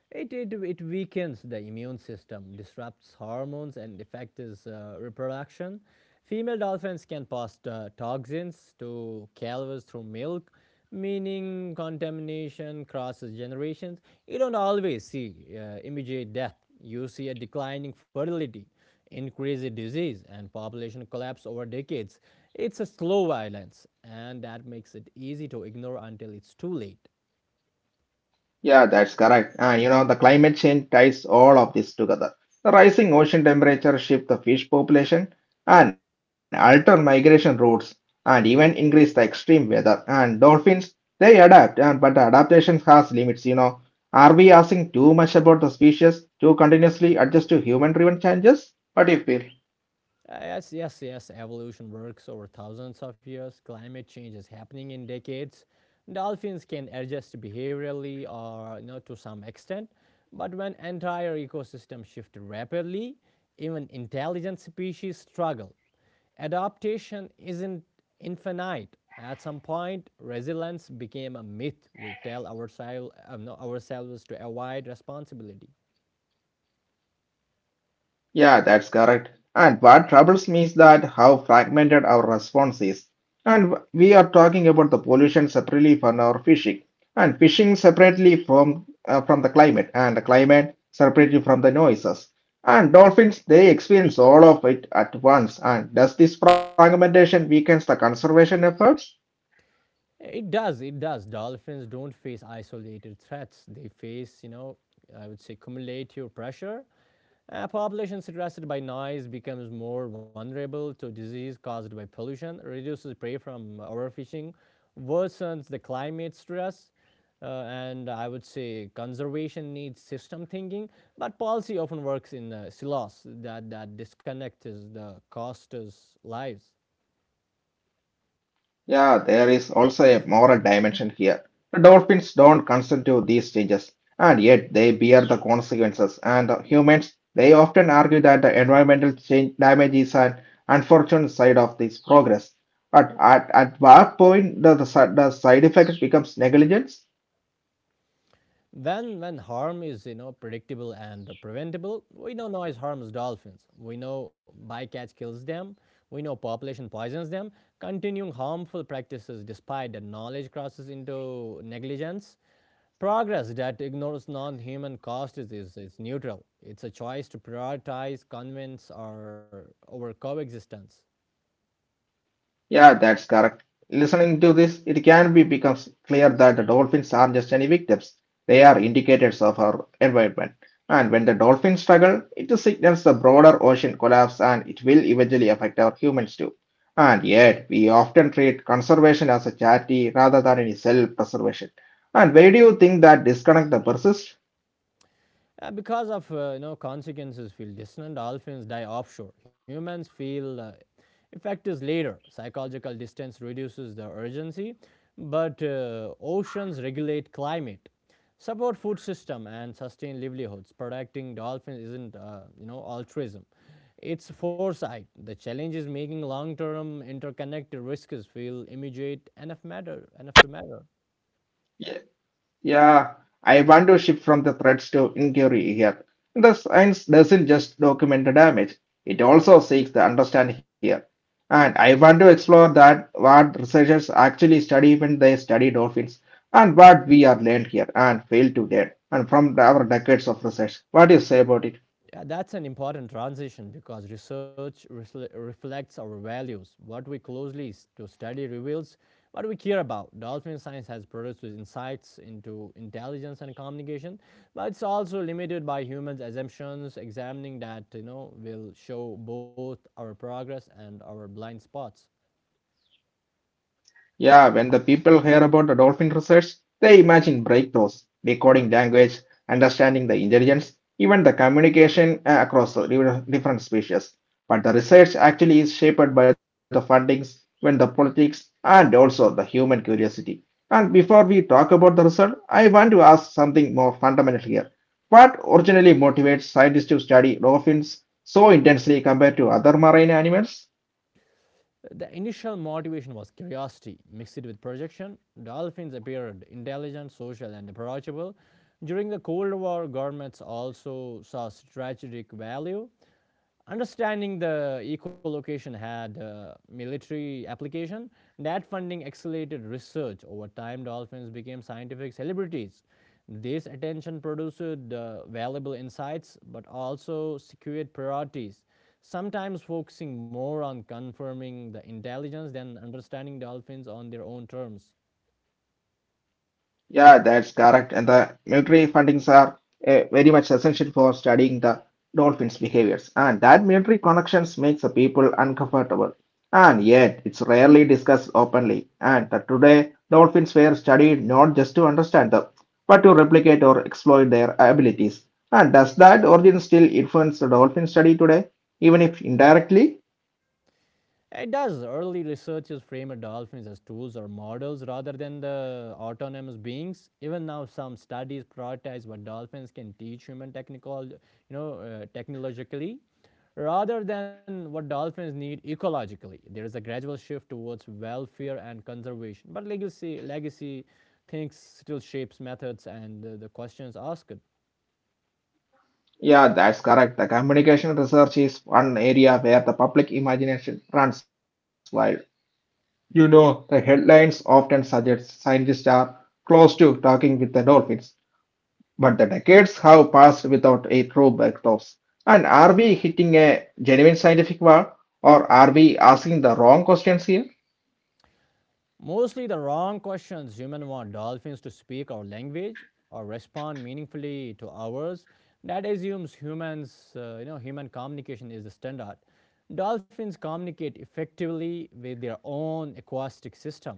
It weakens the immune system, disrupts hormones, and affects reproduction. Female dolphins can pass toxins to calves through milk, meaning contamination crosses generations. You don't always see immediate death. You see a declining fertility, increased disease, and population collapse over decades. It's a slow violence, and that makes it easy to ignore until it's too late. Yeah, that's correct. And you know, the climate change ties all of this together. The rising ocean temperature shift the fish population and alter migration routes and even increase the extreme weather. And dolphins, they adapt, and but the adaptation has limits. Are we asking too much about the species to continuously adjust to human-driven changes? What do you feel? Yes, yes, yes. Evolution works over thousands of years. Climate change is happening in decades. Dolphins can adjust behaviorally or you know, to some extent, but when entire ecosystems shift rapidly, even intelligent species struggle. Adaptation isn't infinite. At some point, resilience became a myth we tell ourselves, no, ourselves to avoid responsibility. Yeah, that's correct. And what troubles me is that how fragmented our response is. And we are talking about the pollution separately from our fishing, and fishing separately from the climate, and the climate separately from the noises. And dolphins, they experience all of it at once. And does this fragmentation weakens the conservation efforts? It does. It does. Dolphins don't face isolated threats. They face, you know, I would say cumulative pressure. A population stressed by noise becomes more vulnerable to disease caused by pollution, reduces prey from overfishing, worsens the climate stress, and I would say conservation needs system thinking. But policy often works in silos that disconnects the costers' lives. Yeah, there is also a moral dimension here. The dolphins don't consent to these changes, and yet they bear the consequences. And the humans, they often argue that the environmental change damage is an unfortunate side of this progress. But at what point does the side effect becomes negligence? When harm is you know predictable and preventable, we know noise harms dolphins. We know bycatch kills them. We know population poisons them. Continuing harmful practices despite the knowledge crosses into negligence. Progress that ignores non-human costs is neutral. It's a choice to prioritize convenience or over coexistence. Yeah, that's correct. Listening to this, it can be becomes clear that the dolphins aren't just any victims. They are indicators of our environment. And when the dolphins struggle, it signals the broader ocean collapse and it will eventually affect our humans too. And yet, we often treat conservation as a charity rather than any self-preservation. And where do you think that disconnect the persists? Because of you know consequences feel distant, dolphins die offshore. Humans feel effect is later. Psychological distance reduces the urgency, but oceans regulate climate, support food system, and sustain livelihoods. Protecting dolphins isn't you know altruism. It's foresight. The challenge is making long-term interconnected risks feel immediate enough matter enough to matter. Yeah, I want to shift from the threats to inquiry here. The science doesn't just document the damage, it also seeks to understand here. And I want to explore that what researchers actually study when they study dolphins and what we are learned here and fail to learn and from our decades of research. What do you say about it? Yeah, that's an important transition because research reflects our values. What we closely to study reveals what we care about. Dolphin science has produced insights into intelligence and communication, but it's also limited by humans' assumptions. Examining that, you know, will show both our progress and our blind spots. Yeah, when the people hear about the dolphin research, they imagine breakthroughs, decoding language, understanding the intelligence, even the communication across the different species. But the research actually is shaped by the fundings, when the politics, and also the human curiosity. And before we talk about the result, I want to ask something more fundamental here. What originally motivates scientists to study dolphins so intensely compared to other marine animals? The initial motivation was curiosity mixed with projection. Dolphins appeared intelligent, social, and approachable. During the Cold War, governments also saw strategic value. Understanding the echolocation had a military application. That funding accelerated research. Over time, dolphins became scientific celebrities. This attention produced valuable insights but also secured priorities, sometimes focusing more on confirming the intelligence than understanding dolphins on their own terms. Yeah, that's correct. And the military fundings are very much essential for studying the dolphins' behaviors. And that military connections makes the people uncomfortable. And yet, it's rarely discussed openly. And that today, dolphins were studied not just to understand them, but to replicate or exploit their abilities. And does that origin still influence the dolphin study today, even if indirectly? It does. Early researchers framed dolphins as tools or models rather than the autonomous beings. Even now, some studies prioritize what dolphins can teach human technical, you know, technologically, rather than what dolphins need ecologically. There is a gradual shift towards welfare and conservation, but legacy thinks still shapes methods and the questions asked. Yeah, that's correct. The communication research is one area where the public imagination runs wild. You know, the headlines often suggest scientists are close to talking with the dolphins, but the decades have passed without a true breakthroughs. And are we hitting a genuine scientific wall, or are we asking the wrong questions here? Mostly the wrong questions. Humans want dolphins to speak our language or respond meaningfully to ours. That assumes you know, human communication is the standard. Dolphins communicate effectively with their own acoustic system.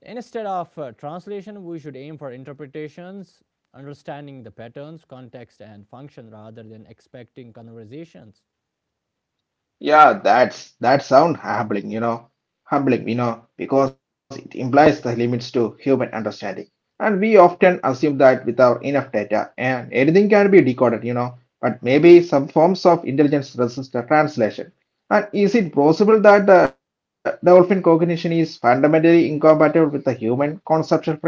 Instead of translation, we should aim for interpretations, understanding the patterns, context, and function rather than expecting conversations. Yeah, that's that sound humbling, because it implies the limits to human understanding. And we often assume that without enough data and anything can be decoded, but maybe some forms of intelligence resist the translation. And is it possible that the dolphin cognition is fundamentally incompatible with the human conceptual frameworks?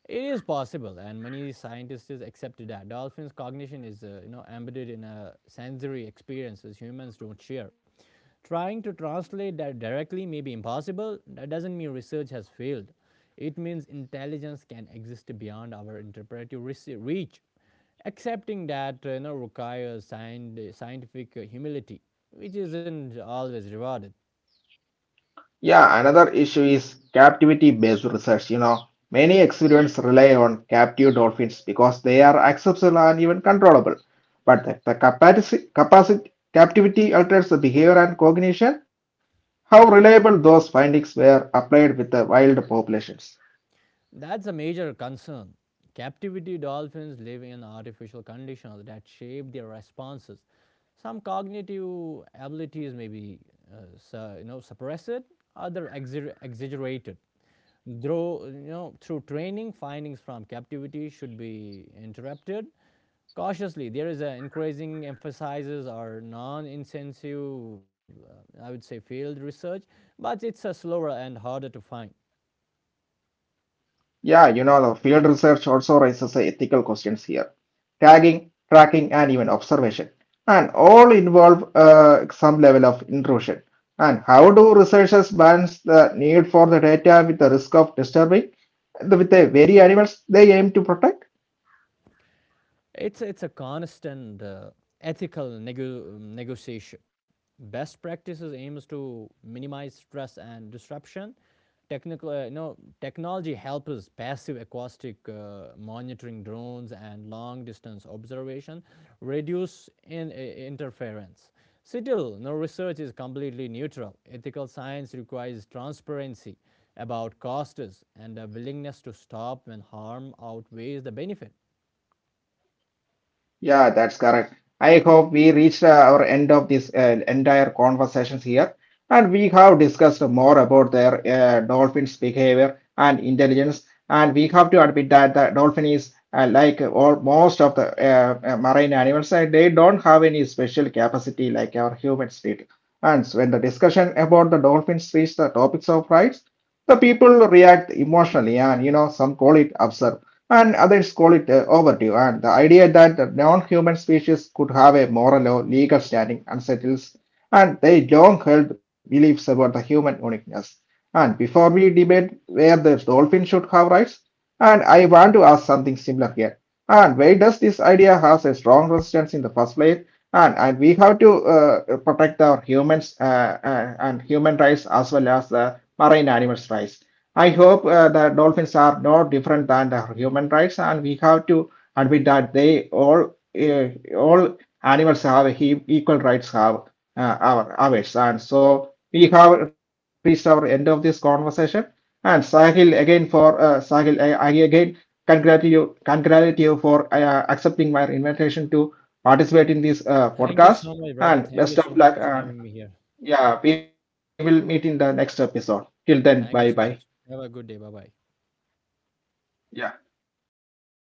It is possible, and many scientists just accepted that dolphins' cognition is, you know, embedded in a sensory experiences humans don't share. Trying to translate that directly may be impossible. That doesn't mean research has failed. It means intelligence can exist beyond our interpretive reach. Accepting that, you know, requires scientific humility, which isn't always rewarded. Yeah, another issue is captivity-based research. You know, many experiments rely on captive dolphins because they are accessible and even controllable. But the captivity alters the behavior and cognition. How reliable those findings were applied with the wild populations? That's a major concern. Captivity dolphins live in artificial conditions that shape their responses. Some cognitive abilities may be you know, suppressed, other exaggerated. Through, you know, through training, findings from captivity should be interpreted cautiously. There is an increasing emphasis on non-intensive, I would say, field research, but it's a slower and harder to find. Yeah, you know, the field research also raises the ethical questions here. Tagging, tracking, and even observation. And all involve some level of intrusion. And how do researchers balance the need for the data with the risk of disturbing with the very animals they aim to protect? It's a constant ethical negotiation. Best practices aims to minimize stress and disruption. Technical, you know, technology helps passive acoustic monitoring drones and long distance observation reduce interference. Still, no research is completely neutral. Ethical science requires transparency about costs and a willingness to stop when harm outweighs the benefit. Yeah, that's correct. I hope we reached our end of this entire conversations here, and we have discussed more about their dolphins' behavior and intelligence. And we have to admit that the dolphin is like all most of the marine animals, they don't have any special capacity like our humans did. And so when the discussion about the dolphins reached the topics of rights, the people react emotionally, and you know, some call it absurd, and others call it overdue. And the idea that the non-human species could have a moral or legal standing unsettles, and they long-held beliefs about the human uniqueness. And before we debate where the dolphin should have rights, and I want to ask something similar here. And why does this idea has a strong resistance in the first place? And we have to protect our humans and human rights as well as the marine animals' rights. I hope the dolphins are no different than the human rights, and we have to admit that they all uh, all animals have equal rights have our ours. And so we have reached our end of this conversation. And Sahil, I again congratulate you for accepting my invitation to participate in this Thank podcast. you so much, And brother. best Thank you of so luck. much And having me here. yeah, we will meet in the next episode. Till then, bye bye. Thank you so much. Have a good day. Bye bye. Yeah. Mhm.